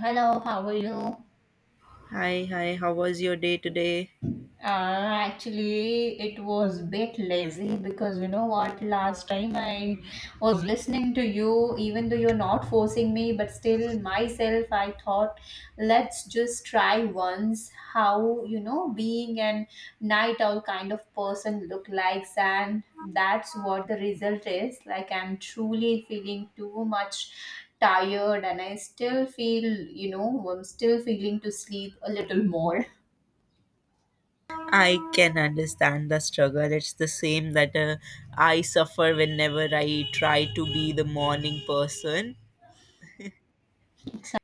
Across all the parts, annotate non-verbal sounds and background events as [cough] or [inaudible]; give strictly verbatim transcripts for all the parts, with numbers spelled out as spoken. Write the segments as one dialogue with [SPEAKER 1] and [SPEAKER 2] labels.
[SPEAKER 1] Hello, how are you?
[SPEAKER 2] Hi, hi, how was your day today?
[SPEAKER 1] Uh, actually, it was bit lazy because you know what? Last time I was listening to you, even though you're not forcing me, but still myself, I thought, let's just try once how you know being an night owl kind of person look likes, and that's what the result is. Like I'm truly feeling too much tired, and I still feel you know I'm still feeling to sleep a little more.
[SPEAKER 2] I can understand the struggle. It's the same that uh, I suffer whenever I try to be the morning person.
[SPEAKER 1] So,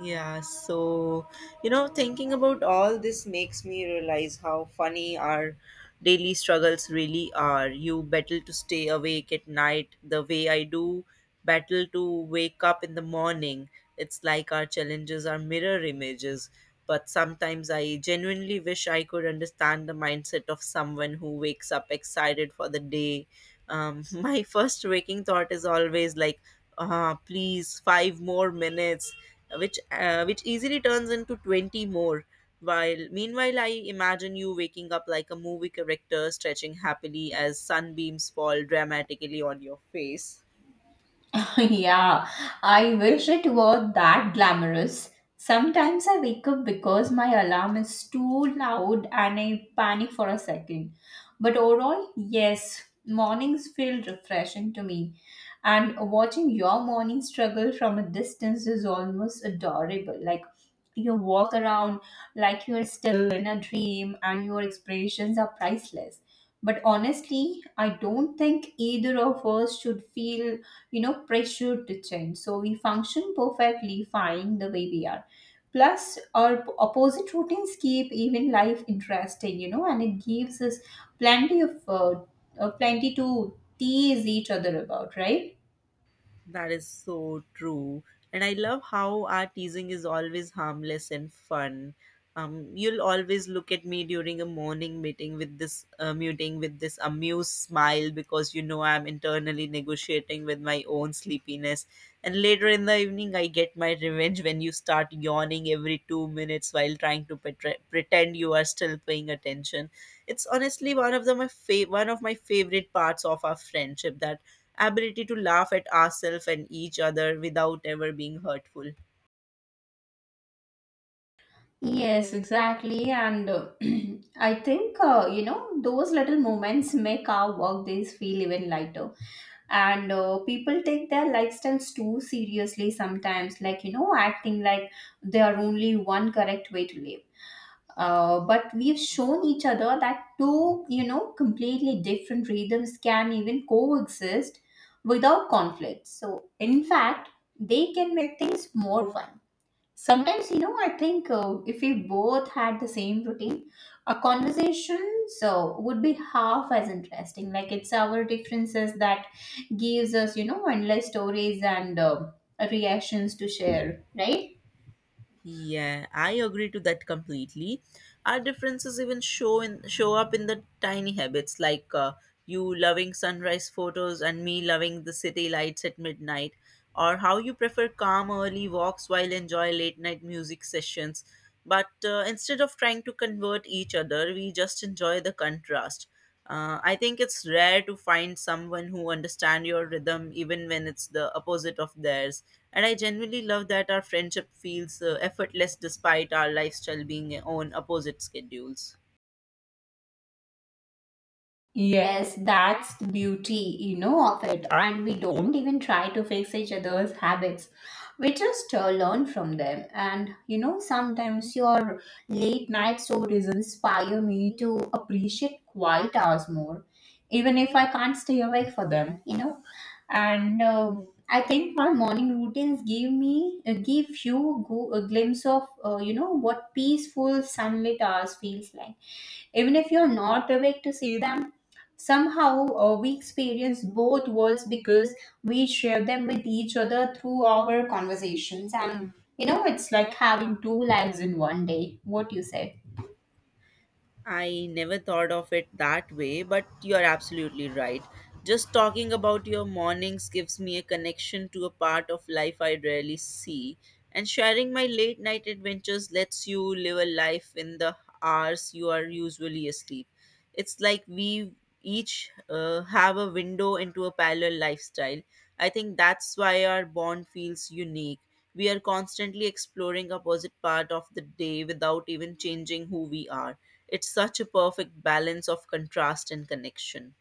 [SPEAKER 2] Yeah, so you know, thinking about all this makes me realize how funny our daily struggles really are. You battle to stay awake at night the way I do, battle to wake up in the morning. It's like our challenges are mirror images. But sometimes I genuinely wish I could understand the mindset of someone who wakes up excited for the day. Um, [laughs] my first waking thought is always like, ah, please, five more minutes, which uh, which easily turns into twenty more, while meanwhile I imagine you waking up like a movie character, stretching happily as sunbeams fall dramatically on your face.
[SPEAKER 1] [laughs] yeah, I wish it were that glamorous. Sometimes I wake up because my alarm is too loud and I panic for a second. But overall, yes, mornings feel refreshing to me. And watching your morning struggle from a distance is almost adorable. Like you walk around like you're still in a dream and your expressions are priceless. But honestly, I don't think either of us should feel, you know, pressured to change. So we function perfectly fine the way we are. Plus, our p- opposite routines keep even life interesting, you know, and it gives us plenty of uh, uh, plenty to tease each other about, right?
[SPEAKER 2] That is so true. And I love how our teasing is always harmless and fun. Um, you'll always look at me during a morning meeting with this uh, meeting with this amused smile, because you know I'm internally negotiating with my own sleepiness. And later in the evening, I get my revenge when you start yawning every two minutes while trying to petre- pretend you are still paying attention. It's honestly one of the my fa- one of my favorite parts of our friendship, that ability to laugh at ourselves and each other without ever being hurtful.
[SPEAKER 1] Yes, exactly. And uh, [clears throat] I think, uh, you know, those little moments make our work days feel even lighter. And uh, people take their lifestyles too seriously sometimes, like you know, acting like there are only one correct way to live. Uh, but we've shown each other that two, you know, completely different rhythms can even coexist without conflict, so in fact they can make things more fun. Sometimes, you know, I think uh, if we both had the same routine, our conversations uh, would be half as interesting. Like it's our differences that gives us, you know, endless stories and uh, reactions to share, right?
[SPEAKER 2] Yeah, I agree to that completely. Our differences even show in show up in the tiny habits, like uh, you loving sunrise photos and me loving the city lights at midnight, or how you prefer calm early walks while enjoy late night music sessions. But uh, Instead of trying to convert each other, we just enjoy the contrast. Uh, I think it's rare to find someone who understand your rhythm even when it's the opposite of theirs, and I genuinely love that our friendship feels uh, effortless despite our lifestyle being on opposite schedules.
[SPEAKER 1] Yes, that's the beauty, you know, of it. And we don't even try to fix each other's habits. We just uh, learn from them. And, you know, sometimes your late night stories inspire me to appreciate quiet hours more, even if I can't stay awake for them, you know. And um I think my morning routines give me, uh, give you go, a glimpse of, uh, you know, what peaceful sunlit hours feels like, even if you're not awake to see them. Somehow, uh, we experience both worlds because we share them with each other through our conversations. And you know, it's like having two lives in one day. What you said.
[SPEAKER 2] I never thought of it that way, but you're absolutely right. Just talking about your mornings gives me a connection to a part of life I rarely see, and sharing my late night adventures lets you live a life in the hours you are usually asleep. It's like we each uh, have a window into a parallel lifestyle. I think that's why our bond feels unique. We are constantly exploring opposite part of the day without even changing who we are. It's such a perfect balance of contrast and connection.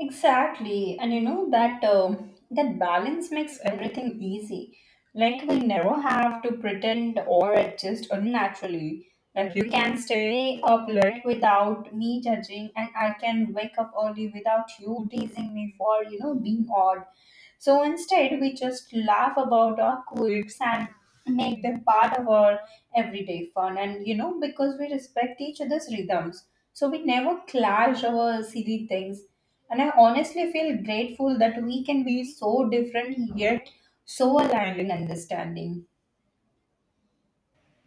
[SPEAKER 1] Exactly, and you know that um, that balance makes everything easy. Like we never have to pretend or adjust unnaturally. Like you can stay up late without me judging, and I can wake up early without you teasing me for, you know, being odd. So instead, we just laugh about our quirks and make them part of our everyday fun. And you know, because we respect each other's rhythms, so we never clash over silly things. And I honestly feel grateful that we can be so different yet so aligned in understanding.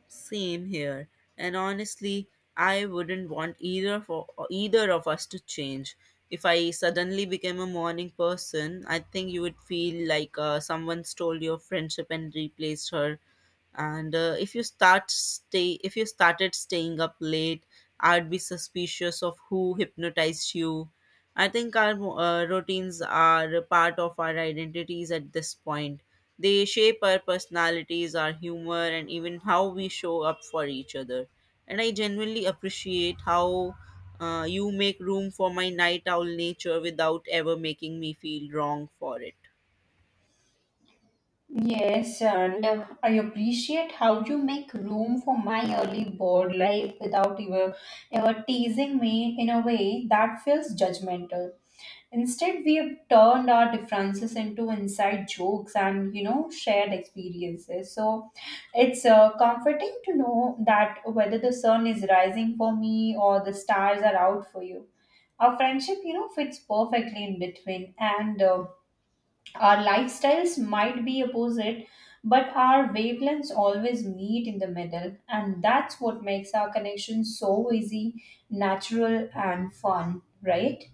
[SPEAKER 2] Same here. And honestly, I wouldn't want either for either of us to change. If I suddenly became a morning person, I think you would feel like uh, someone stole your friendship and replaced her. And uh, if you start stay if you started staying up late, I'd be suspicious of who hypnotized you. I think our uh, routines are part of our identities at this point. They shape our personalities, our humor, and even how we show up for each other. And I genuinely appreciate how uh, you make room for my night owl nature without ever making me feel wrong for it.
[SPEAKER 1] Yes, and uh, I appreciate how you make room for my early bored life without ever, ever teasing me in a way that feels judgmental. Instead, we have turned our differences into inside jokes and, you know, shared experiences. So it's uh, comforting to know that whether the sun is rising for me or the stars are out for you. Our friendship, you know, fits perfectly in between, and uh, our lifestyles might be opposite, but our wavelengths always meet in the middle, and that's what makes our connection so easy, natural, and fun, right?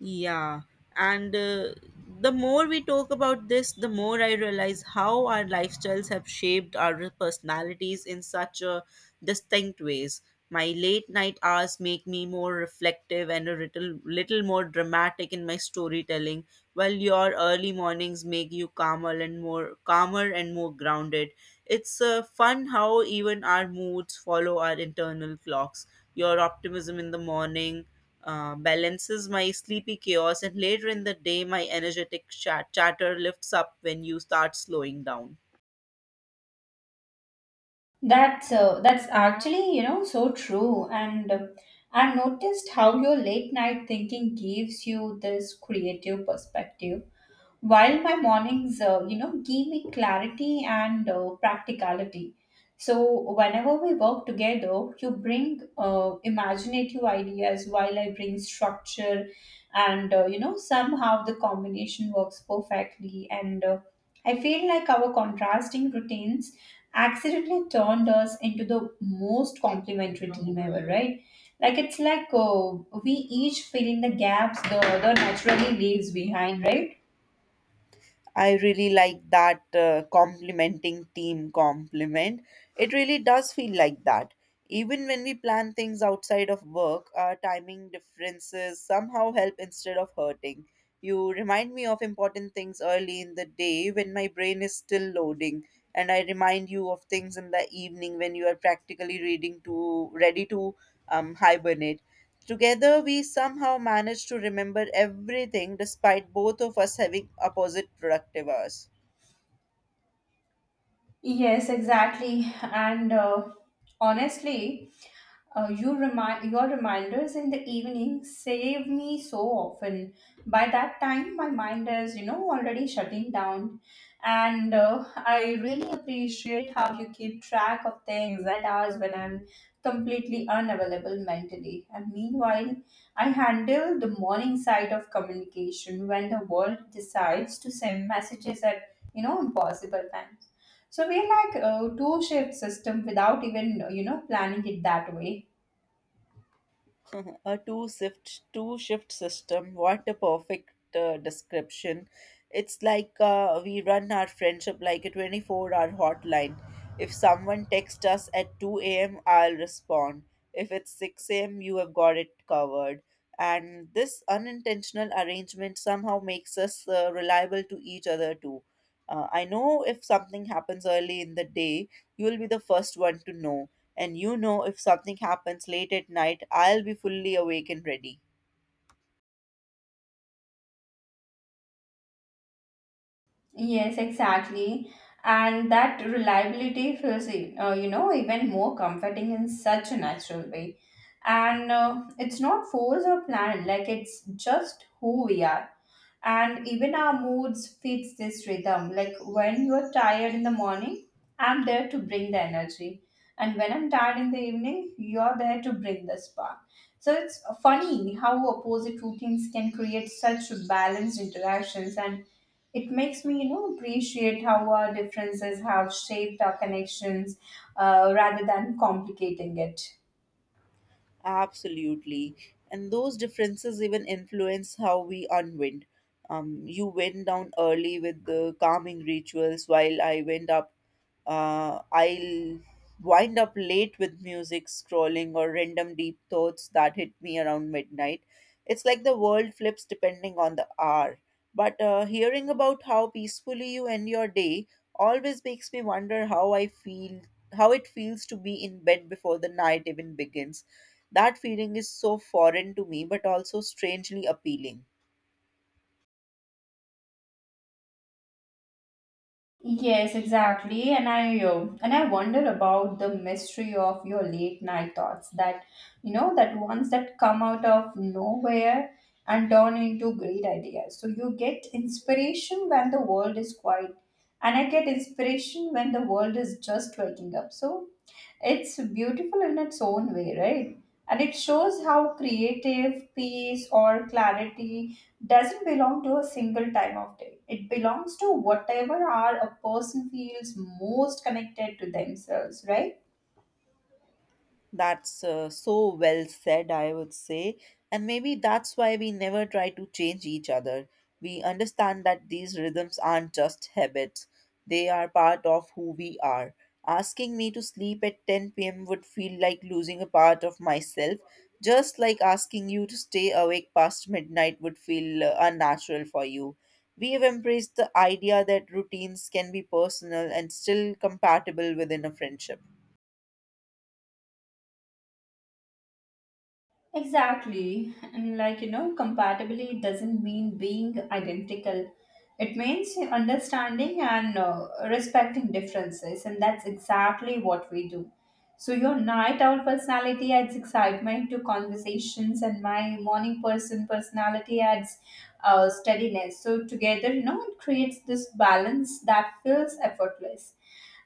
[SPEAKER 2] Yeah, and uh, the more we talk about this, the more I realize how our lifestyles have shaped our personalities in such a distinct ways. My late night hours make me more reflective and a little, little more dramatic in my storytelling, while your early mornings make you calmer and more calmer and more grounded. It's uh, fun how even our moods follow our internal clocks. Your optimism in the morning uh, balances my sleepy chaos, and later in the day, my energetic chat- chatter lifts up when you start slowing down.
[SPEAKER 1] That's uh, that's actually, you know, so true. And uh, I've noticed how your late night thinking gives you this creative perspective while my mornings, uh, you know, give me clarity and uh, practicality. So whenever we work together, you bring uh, imaginative ideas while I bring structure, and uh, you know, somehow the combination works perfectly. And uh, I feel like our contrasting routines accidentally turned us into the most complementary team ever, right? Like it's like, uh, we each fill in the gaps the other naturally leaves behind, right?
[SPEAKER 2] I really like that uh, complimenting team compliment. It really does feel like that. Even when we plan things outside of work, our timing differences somehow help instead of hurting. You remind me of important things early in the day when my brain is still loading, and I remind you of things in the evening when you are practically reading to ready to um, hibernate. Together, we somehow managed to remember everything despite both of us having opposite productive hours.
[SPEAKER 1] Yes, exactly. And uh, honestly, uh, you remind your reminders in the evening save me so often. By that time, my mind is, you know, already shutting down, and uh, I really appreciate how you keep track of things and hours when I'm completely unavailable mentally. And meanwhile, I handle the morning side of communication when the world decides to send messages at, you know, impossible times. So we're like a two shift system without even uh, you know, planning it that way.
[SPEAKER 2] [laughs] A two shift two shift system, what a perfect uh, description. It's like uh, we run our friendship like a twenty-four hour hotline. If someone texts us at two a.m., I'll respond. If it's six a.m., you have got it covered. And this unintentional arrangement somehow makes us uh, reliable to each other too. uh, I know if something happens early in the day, you will be the first one to know. And you know, if something happens late at night, I'll be fully awake and ready.
[SPEAKER 1] Yes, exactly. And that reliability feels, e- uh, you know, even more comforting in such a natural way. And uh, it's not forced or planned, like it's just who we are. And even our moods fits this rhythm. Like when you're tired in the morning, I'm there to bring the energy, and when I'm tired in the evening, you're there to bring the spark. So it's funny how opposite routines can create such balanced interactions, and it makes me, you know, appreciate how our differences have shaped our connections uh, rather than complicating it.
[SPEAKER 2] Absolutely. And those differences even influence how we unwind. Um, you went down early with the calming rituals, while I went up, uh, I'll wind up late with music, scrolling, or random deep thoughts that hit me around midnight. It's like the world flips depending on the hour. But uh, Hearing about how peacefully you end your day always makes me wonder how I feel, how it feels to be in bed before the night even begins. That feeling is so foreign to me, but also strangely appealing.
[SPEAKER 1] Yes, exactly. And I uh, and I wonder about the mystery of your late night thoughts, that, you know, that ones that come out of nowhere and turn into great ideas. So you get inspiration when the world is quiet, and I get inspiration when the world is just waking up. So it's beautiful in its own way, right? And it shows how creative, peace, or clarity doesn't belong to a single time of day. It belongs to whatever hour a person feels most connected to themselves, right?
[SPEAKER 2] That's uh, so well said, I would say. And maybe that's why we never try to change each other. We understand that these rhythms aren't just habits, they are part of who we are. Asking me to sleep at ten p m would feel like losing a part of myself, just like asking you to stay awake past midnight would feel uh, unnatural for you. We have embraced the idea that routines can be personal and still compatible within a friendship.
[SPEAKER 1] Exactly. And like, you know, compatibility doesn't mean being identical. It means understanding and uh, respecting differences. And that's exactly what we do. So, your night owl personality adds excitement to conversations, and my morning person personality adds uh, steadiness. So, together, you know, it creates this balance that feels effortless.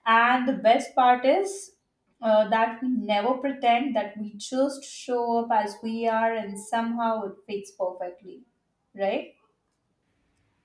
[SPEAKER 1] And the best part is uh, that we never pretend, that we just show up as we are and somehow it fits perfectly, right?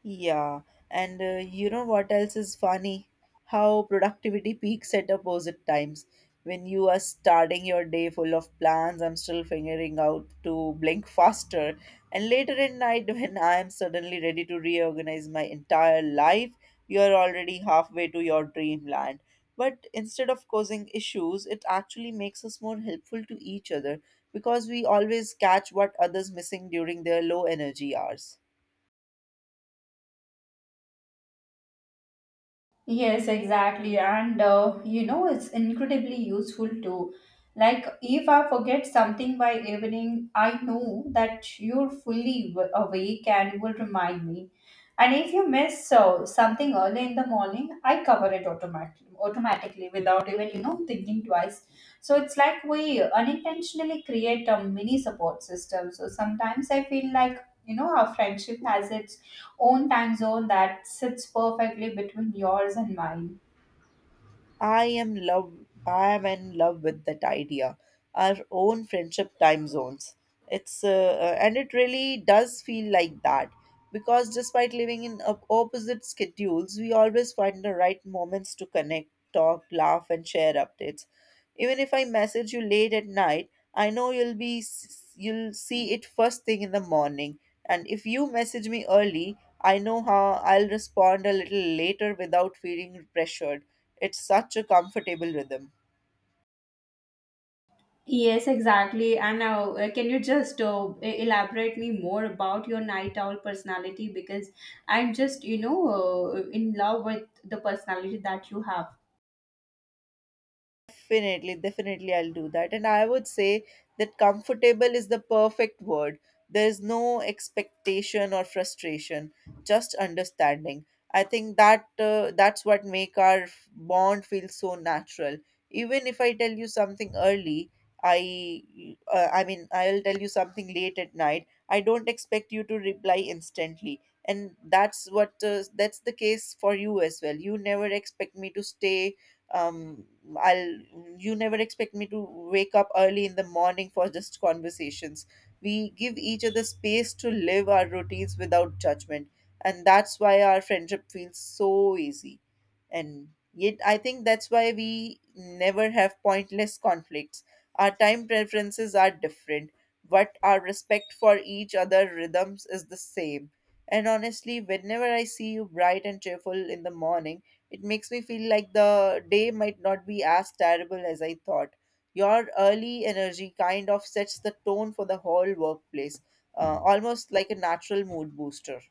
[SPEAKER 2] Yeah, and uh, you know what else is funny? How productivity peaks at opposite times. When you are starting your day full of plans, I'm still figuring out to blink faster. And later at night, [laughs] when I am suddenly ready to reorganize my entire life, you're already halfway to your dreamland. But instead of causing issues, it actually makes us more helpful to each other, because we always catch what others missing during their low energy hours.
[SPEAKER 1] Yes, exactly. And uh, you know, it's incredibly useful too. Like, if I forget something by evening, I know that you're fully w- awake and will remind me. And if you miss uh, something early in the morning, I cover it automatically, automatically without even, you know, thinking twice. So it's like we unintentionally create a mini support system. So sometimes I feel like, you know, our friendship has its own time zone that sits perfectly between yours and mine.
[SPEAKER 2] I am love I am in love with that idea. Our own friendship time zones. It's uh, uh, and it really does feel like that, because despite living in op- opposite schedules, we always find the right moments to connect, talk, laugh and share updates. Even if I message you late at night, I know you'll be you'll see it first thing in the morning. And if you message me early, I know how I'll respond a little later without feeling pressured. It's such a comfortable rhythm.
[SPEAKER 1] Yes, exactly. And now, uh, can you just uh, e- elaborate me more about your night owl personality? Because I'm just, you know, uh, in love with the personality that you have.
[SPEAKER 2] Definitely, definitely, I'll do that. And I would say that comfortable is the perfect word. There's no expectation or frustration, just understanding. I think that uh, that's what make our f- bond feel so natural. Even if I tell you something early, I uh, I mean I'll tell you something late at night. I don't expect you to reply instantly, and that's what uh, that's the case for you as well. You never expect me to stay um I'll you never expect me to wake up early in the morning for just conversations. We give each other space to live our routines without judgment, and that's why our friendship feels so easy. And yet I think that's why we never have pointless conflicts. Our time preferences are different, but our respect for each other rhythms is the same. And honestly, whenever I see you bright and cheerful in the morning, it makes me feel like the day might not be as terrible as I thought. Your early energy kind of sets the tone for the whole workplace, uh, almost like a natural mood booster.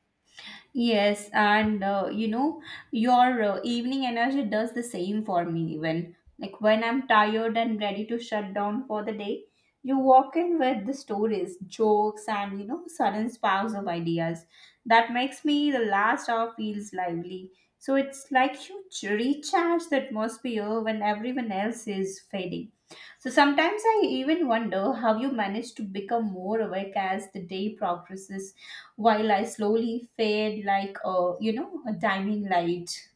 [SPEAKER 1] Yes, and uh, you know, your uh, evening energy does the same for me, even. Like when I'm tired and ready to shut down for the day, you walk in with the stories, jokes, and, you know, sudden sparks of ideas. That makes me the last hour feels lively. So it's like you ch- recharge the atmosphere when everyone else is fading. So sometimes I even wonder how you manage to become more awake as the day progresses while I slowly fade like a, you know, a dimming light.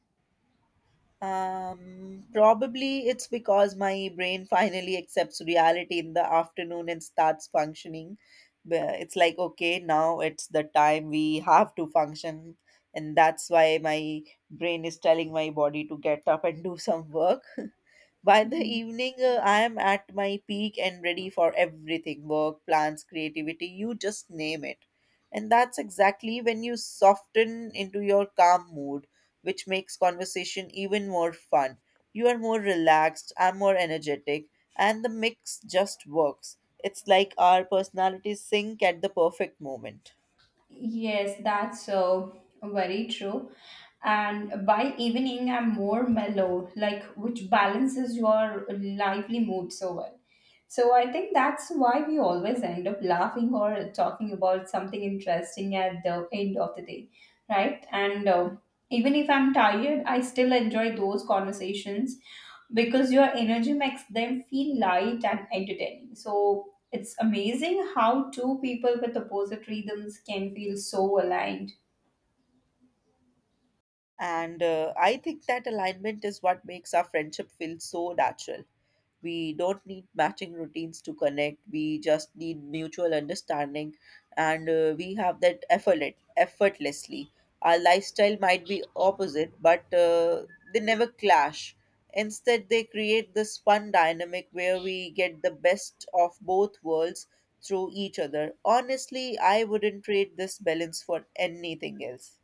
[SPEAKER 2] Um, probably it's because my brain [laughs] finally accepts reality in the afternoon and starts functioning. But it's like, okay, now it's the time we have to function. And that's why my brain is telling my body to get up and do some work. [laughs] By the
[SPEAKER 1] Mhm.
[SPEAKER 2] evening, uh, I am at my peak and ready for everything: work, plans, creativity, you just name it. And that's exactly when you soften into your calm mood, which makes conversation even more fun. You are more relaxed, I'm more energetic, and the mix just works. It's like our personalities sync at the perfect moment.
[SPEAKER 1] Yes, that's uh, very true. And by evening, I'm more mellow, like which balances your lively mood so well. So I think that's why we always end up laughing or talking about something interesting at the end of the day, right? And uh, even if I'm tired, I still enjoy those conversations because your energy makes them feel light and entertaining. So it's amazing how two people with opposite rhythms can feel so aligned.
[SPEAKER 2] And uh, I think that alignment is what makes our friendship feel so natural. We don't need matching routines to connect. We just need mutual understanding, and uh, we have that effort effortlessly. Our lifestyle might be opposite, but uh, they never clash. Instead, they create this fun dynamic where we get the best of both worlds through each other. Honestly, I wouldn't trade this balance for anything else.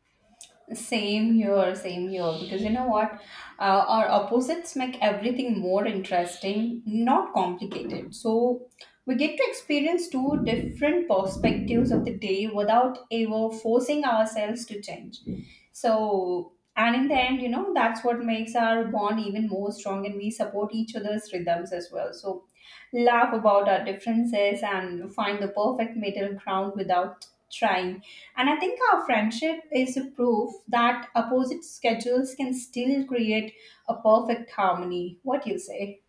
[SPEAKER 1] Same here, same here. Because you know what? Uh, our opposites make everything more interesting, not complicated. So we get to experience two different perspectives of the day without ever forcing ourselves to change. So, and in the end, you know, that's what makes our bond even more strong, and we support each other's rhythms as well. So, laugh about our differences and find the perfect middle ground without trying. And I think our friendship is a proof that opposite schedules can still create a perfect harmony. What do you say?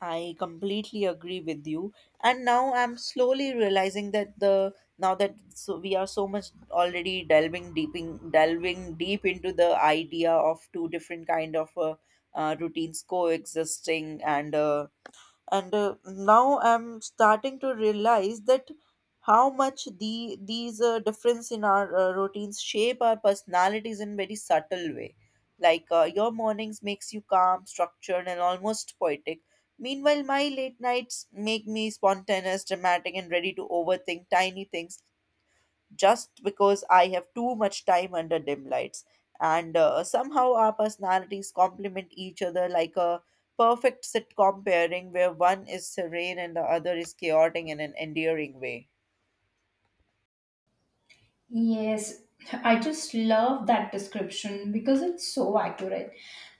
[SPEAKER 2] I completely agree with you. And now I'm slowly realizing that the now that so we are so much already delving deep in, delving deep into the idea of two different kind of uh, uh, routines coexisting and uh, and uh, now I'm starting to realize that how much the these uh, difference in our uh, routines shape our personalities in very subtle way. Like uh, your mornings makes you calm, structured, and almost poetic. Meanwhile, my late nights make me spontaneous, dramatic, and ready to overthink tiny things just because I have too much time under dim lights. And uh, somehow our personalities complement each other like a perfect sitcom pairing where one is serene and the other is chaotic in an endearing way.
[SPEAKER 1] Yes, I just love that description because it's so accurate.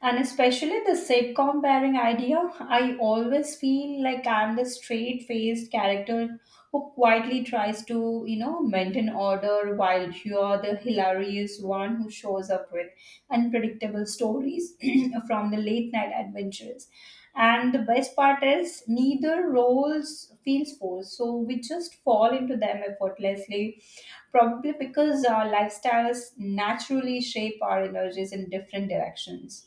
[SPEAKER 1] And especially the sitcom pairing idea, I always feel like I'm the straight faced character who quietly tries to, you know, maintain order while you're the hilarious one who shows up with unpredictable stories [clears throat] from the late night adventures. And the best part is neither roles feels forced, so we just fall into them effortlessly, probably because our lifestyles naturally shape our energies in different directions.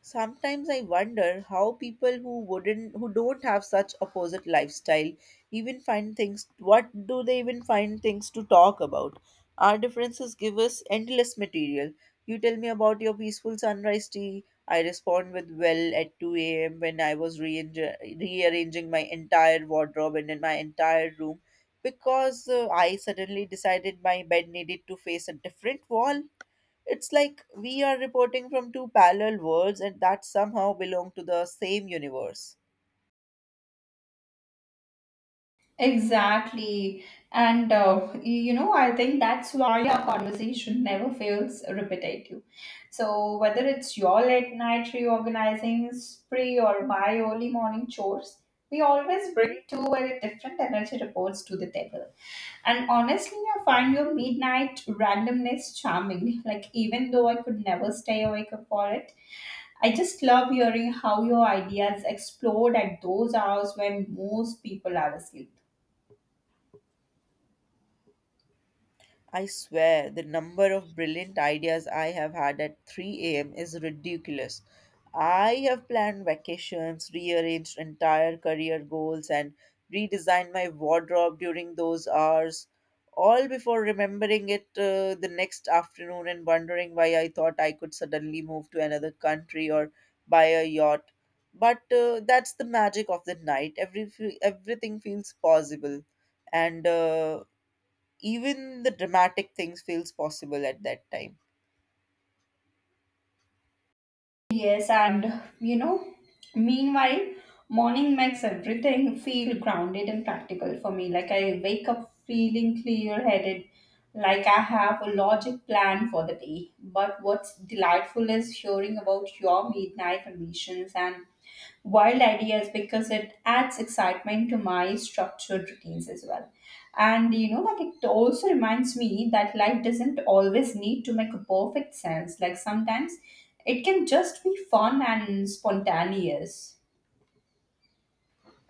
[SPEAKER 2] Sometimes I wonder how people who wouldn't who don't have such opposite lifestyle even find things what do they even find things to talk about? Our differences give us endless material. You tell me about your peaceful sunrise tea. I respond with, well, at two a m when I was rearrange- rearranging my entire wardrobe and in my entire room because uh, I suddenly decided my bed needed to face a different wall. It's like we are reporting from two parallel worlds and that somehow belong to the same universe.
[SPEAKER 1] Exactly. And, uh, y- you know, I think that's why our conversation never feels repetitive. So, whether it's your late night reorganizing spree or my early morning chores, we always bring two very different energy reports to the table. And honestly, I find your midnight randomness charming. Like, even though I could never stay awake for it, I just love hearing how your ideas explode at those hours when most people are asleep.
[SPEAKER 2] I swear, the number of brilliant ideas I have had at three a m is ridiculous. I have planned vacations, rearranged entire career goals, and redesigned my wardrobe during those hours, all before remembering it uh, the next afternoon and wondering why I thought I could suddenly move to another country or buy a yacht. But uh, that's the magic of the night. Every, everything feels possible, and uh, even the dramatic things feels possible at that time.
[SPEAKER 1] Yes, and you know, meanwhile, morning makes everything feel grounded and practical for me. Like I wake up feeling clear-headed, like I have a logic plan for the day. But what's delightful is hearing about your midnight ambitions and wild ideas because it adds excitement to my structured routines as well. And you know, like it also reminds me that life doesn't always need to make a perfect sense. Like sometimes it can just be fun and spontaneous.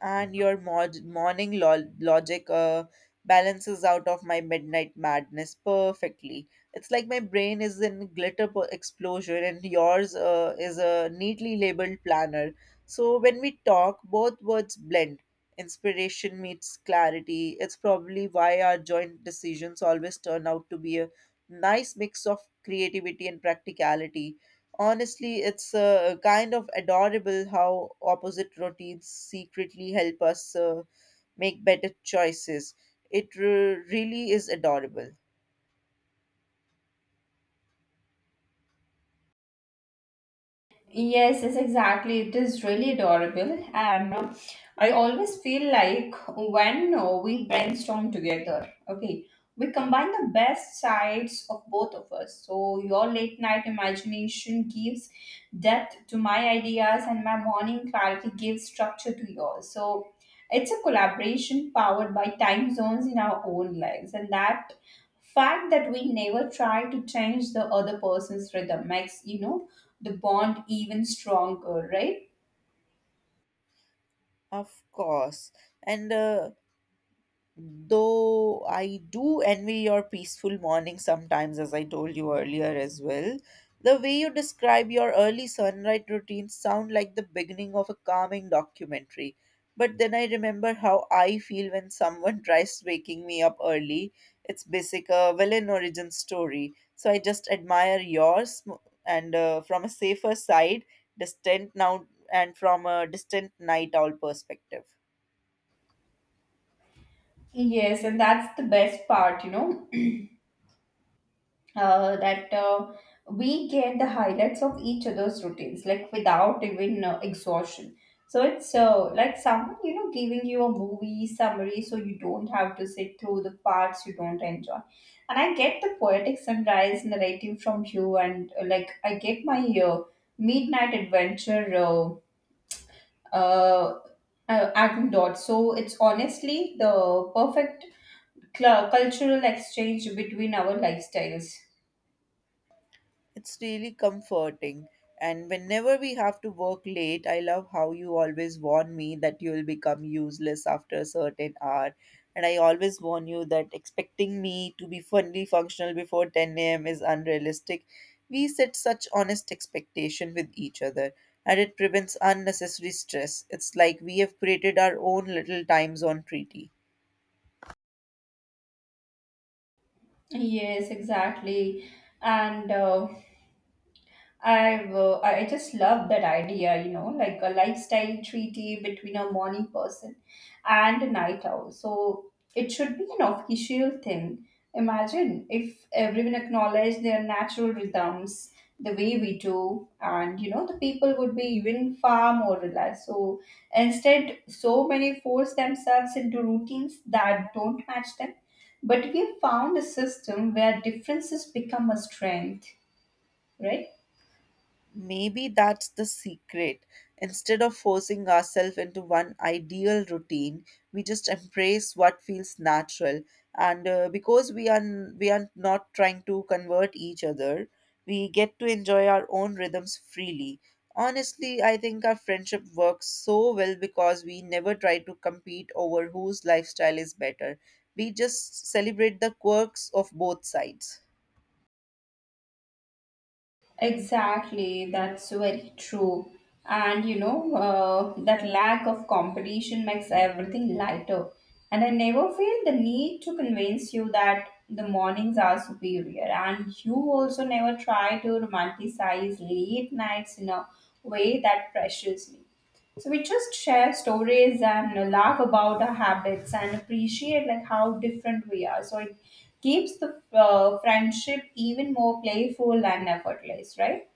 [SPEAKER 2] And your mod- morning lo- logic uh, balances out of my midnight madness perfectly. It's like my brain is in glitter po- explosion and yours uh, is a neatly labeled planner. So when we talk, both words blend, inspiration meets clarity. It's probably why our joint decisions always turn out to be a nice mix of creativity and practicality. Honestly, it's uh, kind of adorable how opposite routines secretly help us uh, make better choices. It re- really is adorable.
[SPEAKER 1] Yes, yes, exactly. It is really adorable. And uh, I always feel like when uh, we brainstorm together, okay, we combine the best sides of both of us. So your late night imagination gives depth to my ideas, and my morning clarity gives structure to yours. So it's a collaboration powered by time zones in our own lives. And that fact that we never try to change the other person's rhythm makes, you know, the bond even stronger, right?
[SPEAKER 2] Of course. And uh, Though I do envy your peaceful morning sometimes, as I told you earlier as well. The way you describe your early sunrise routine sound like the beginning of a calming documentary. But then I remember how I feel when someone [laughs] tries waking me up early. It's basic a villain origin story. So I just admire yours m- and uh, from a safer side, distant now, and from a distant night owl perspective.
[SPEAKER 1] Yes, and that's the best part, you know, [clears throat] uh, that uh, we get the highlights of each other's routines, like without even uh, exhaustion. So it's uh, like someone, you know, giving you a movie summary so you don't have to sit through the parts you don't enjoy. And I get the poetic sunrise narrative from you, and uh, like I get my uh, midnight adventure. Uh, uh, uh, Atom Dot. So it's honestly the perfect cl- cultural exchange between our lifestyles.
[SPEAKER 2] It's really comforting. And whenever we have to work late, I love how you always warn me that you will become useless after a certain hour. And I always warn you that expecting me to be fully functional before ten a m is unrealistic. We set such honest expectation with each other, and it prevents unnecessary stress. It's like we have created our own little time zone treaty.
[SPEAKER 1] Yes, exactly. And uh, I have I I just love that idea, you know, like a lifestyle treaty between a morning person and a night owl. So it should be an official thing. Imagine if everyone acknowledged their natural rhythms the way we do, and you know, the people would be even far more relaxed. So instead, so many force themselves into routines that don't match them. But we have found a system where differences become a strength, right?
[SPEAKER 2] Maybe that's the secret. Instead of forcing ourselves into one ideal routine, we just embrace what feels natural. And uh, because we are we are not trying to convert each other, we get to enjoy our own rhythms freely. Honestly, I think our friendship works so well because we never try to compete over whose lifestyle is better. We just celebrate the quirks of both sides.
[SPEAKER 1] Exactly, that's very true. And you know, uh, that lack of competition makes everything lighter. And I never feel the need to convince you that the mornings are superior. And you also never try to romanticize late nights in a way that pressures me. So we just share stories and laugh about our habits and appreciate like how different we are. So it keeps the uh, friendship even more playful and effortless, right?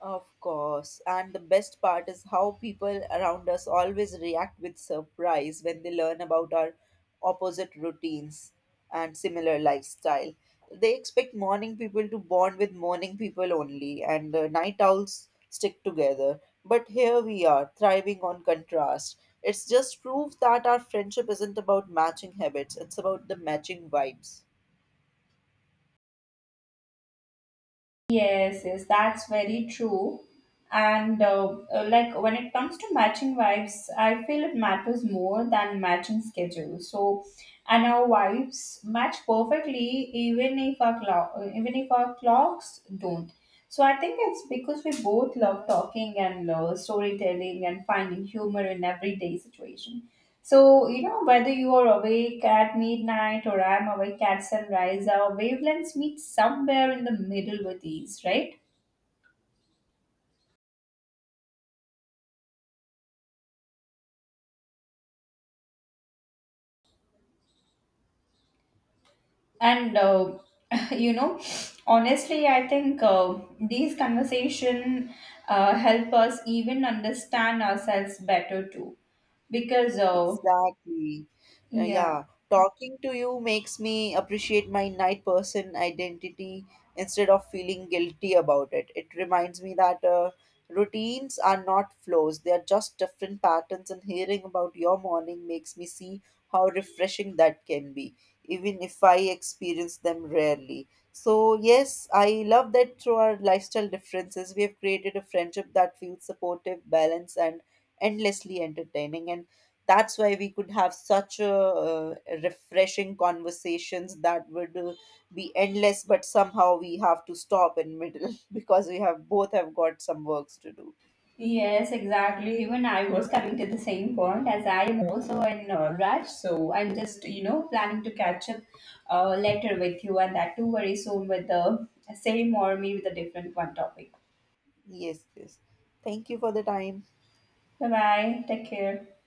[SPEAKER 2] Of course. And the best part is how people around us always react with surprise when they learn about our opposite routines and similar lifestyle. They expect morning people to bond with morning people only, and uh, night owls stick together. But here we are, thriving on contrast. It's just proof that our friendship isn't about matching habits, it's about the matching vibes.
[SPEAKER 1] Yes, yes, that's very true. And uh, uh, like when it comes to matching vibes, I feel it matters more than matching schedules. So, and our vibes match perfectly, even if our clock, even if our clocks don't. So I think it's because we both love talking and uh, storytelling and finding humor in everyday situation. So, you know, whether you are awake at midnight or I'm awake at sunrise, our wavelengths meet somewhere in the middle with ease, right? And, uh, [laughs] you know, honestly, I think uh, these conversation uh, help us even understand ourselves better too. Because, uh,
[SPEAKER 2] Exactly. Uh,
[SPEAKER 1] yeah.
[SPEAKER 2] yeah, talking to you makes me appreciate my night person identity instead of feeling guilty about it. It reminds me that uh, routines are not flows, they are just different patterns, and hearing about your morning makes me see how refreshing that can be, even if I experience them rarely. So, yes, I love that through our lifestyle differences, we have created a friendship that feels supportive, balanced, and endlessly entertaining. And that's why we could have such a, uh, refreshing conversations that would uh, be endless but somehow we have to stop in middle [laughs] because we have both have got some works to do.
[SPEAKER 1] Yes, exactly. Even I was coming to the same point as I am also in uh, rush, so I'm just you know planning to catch up uh, later with you, and that too very soon with the same or maybe the different one topic.
[SPEAKER 2] Yes, yes, thank you for the time.
[SPEAKER 1] Bye bye. Take care.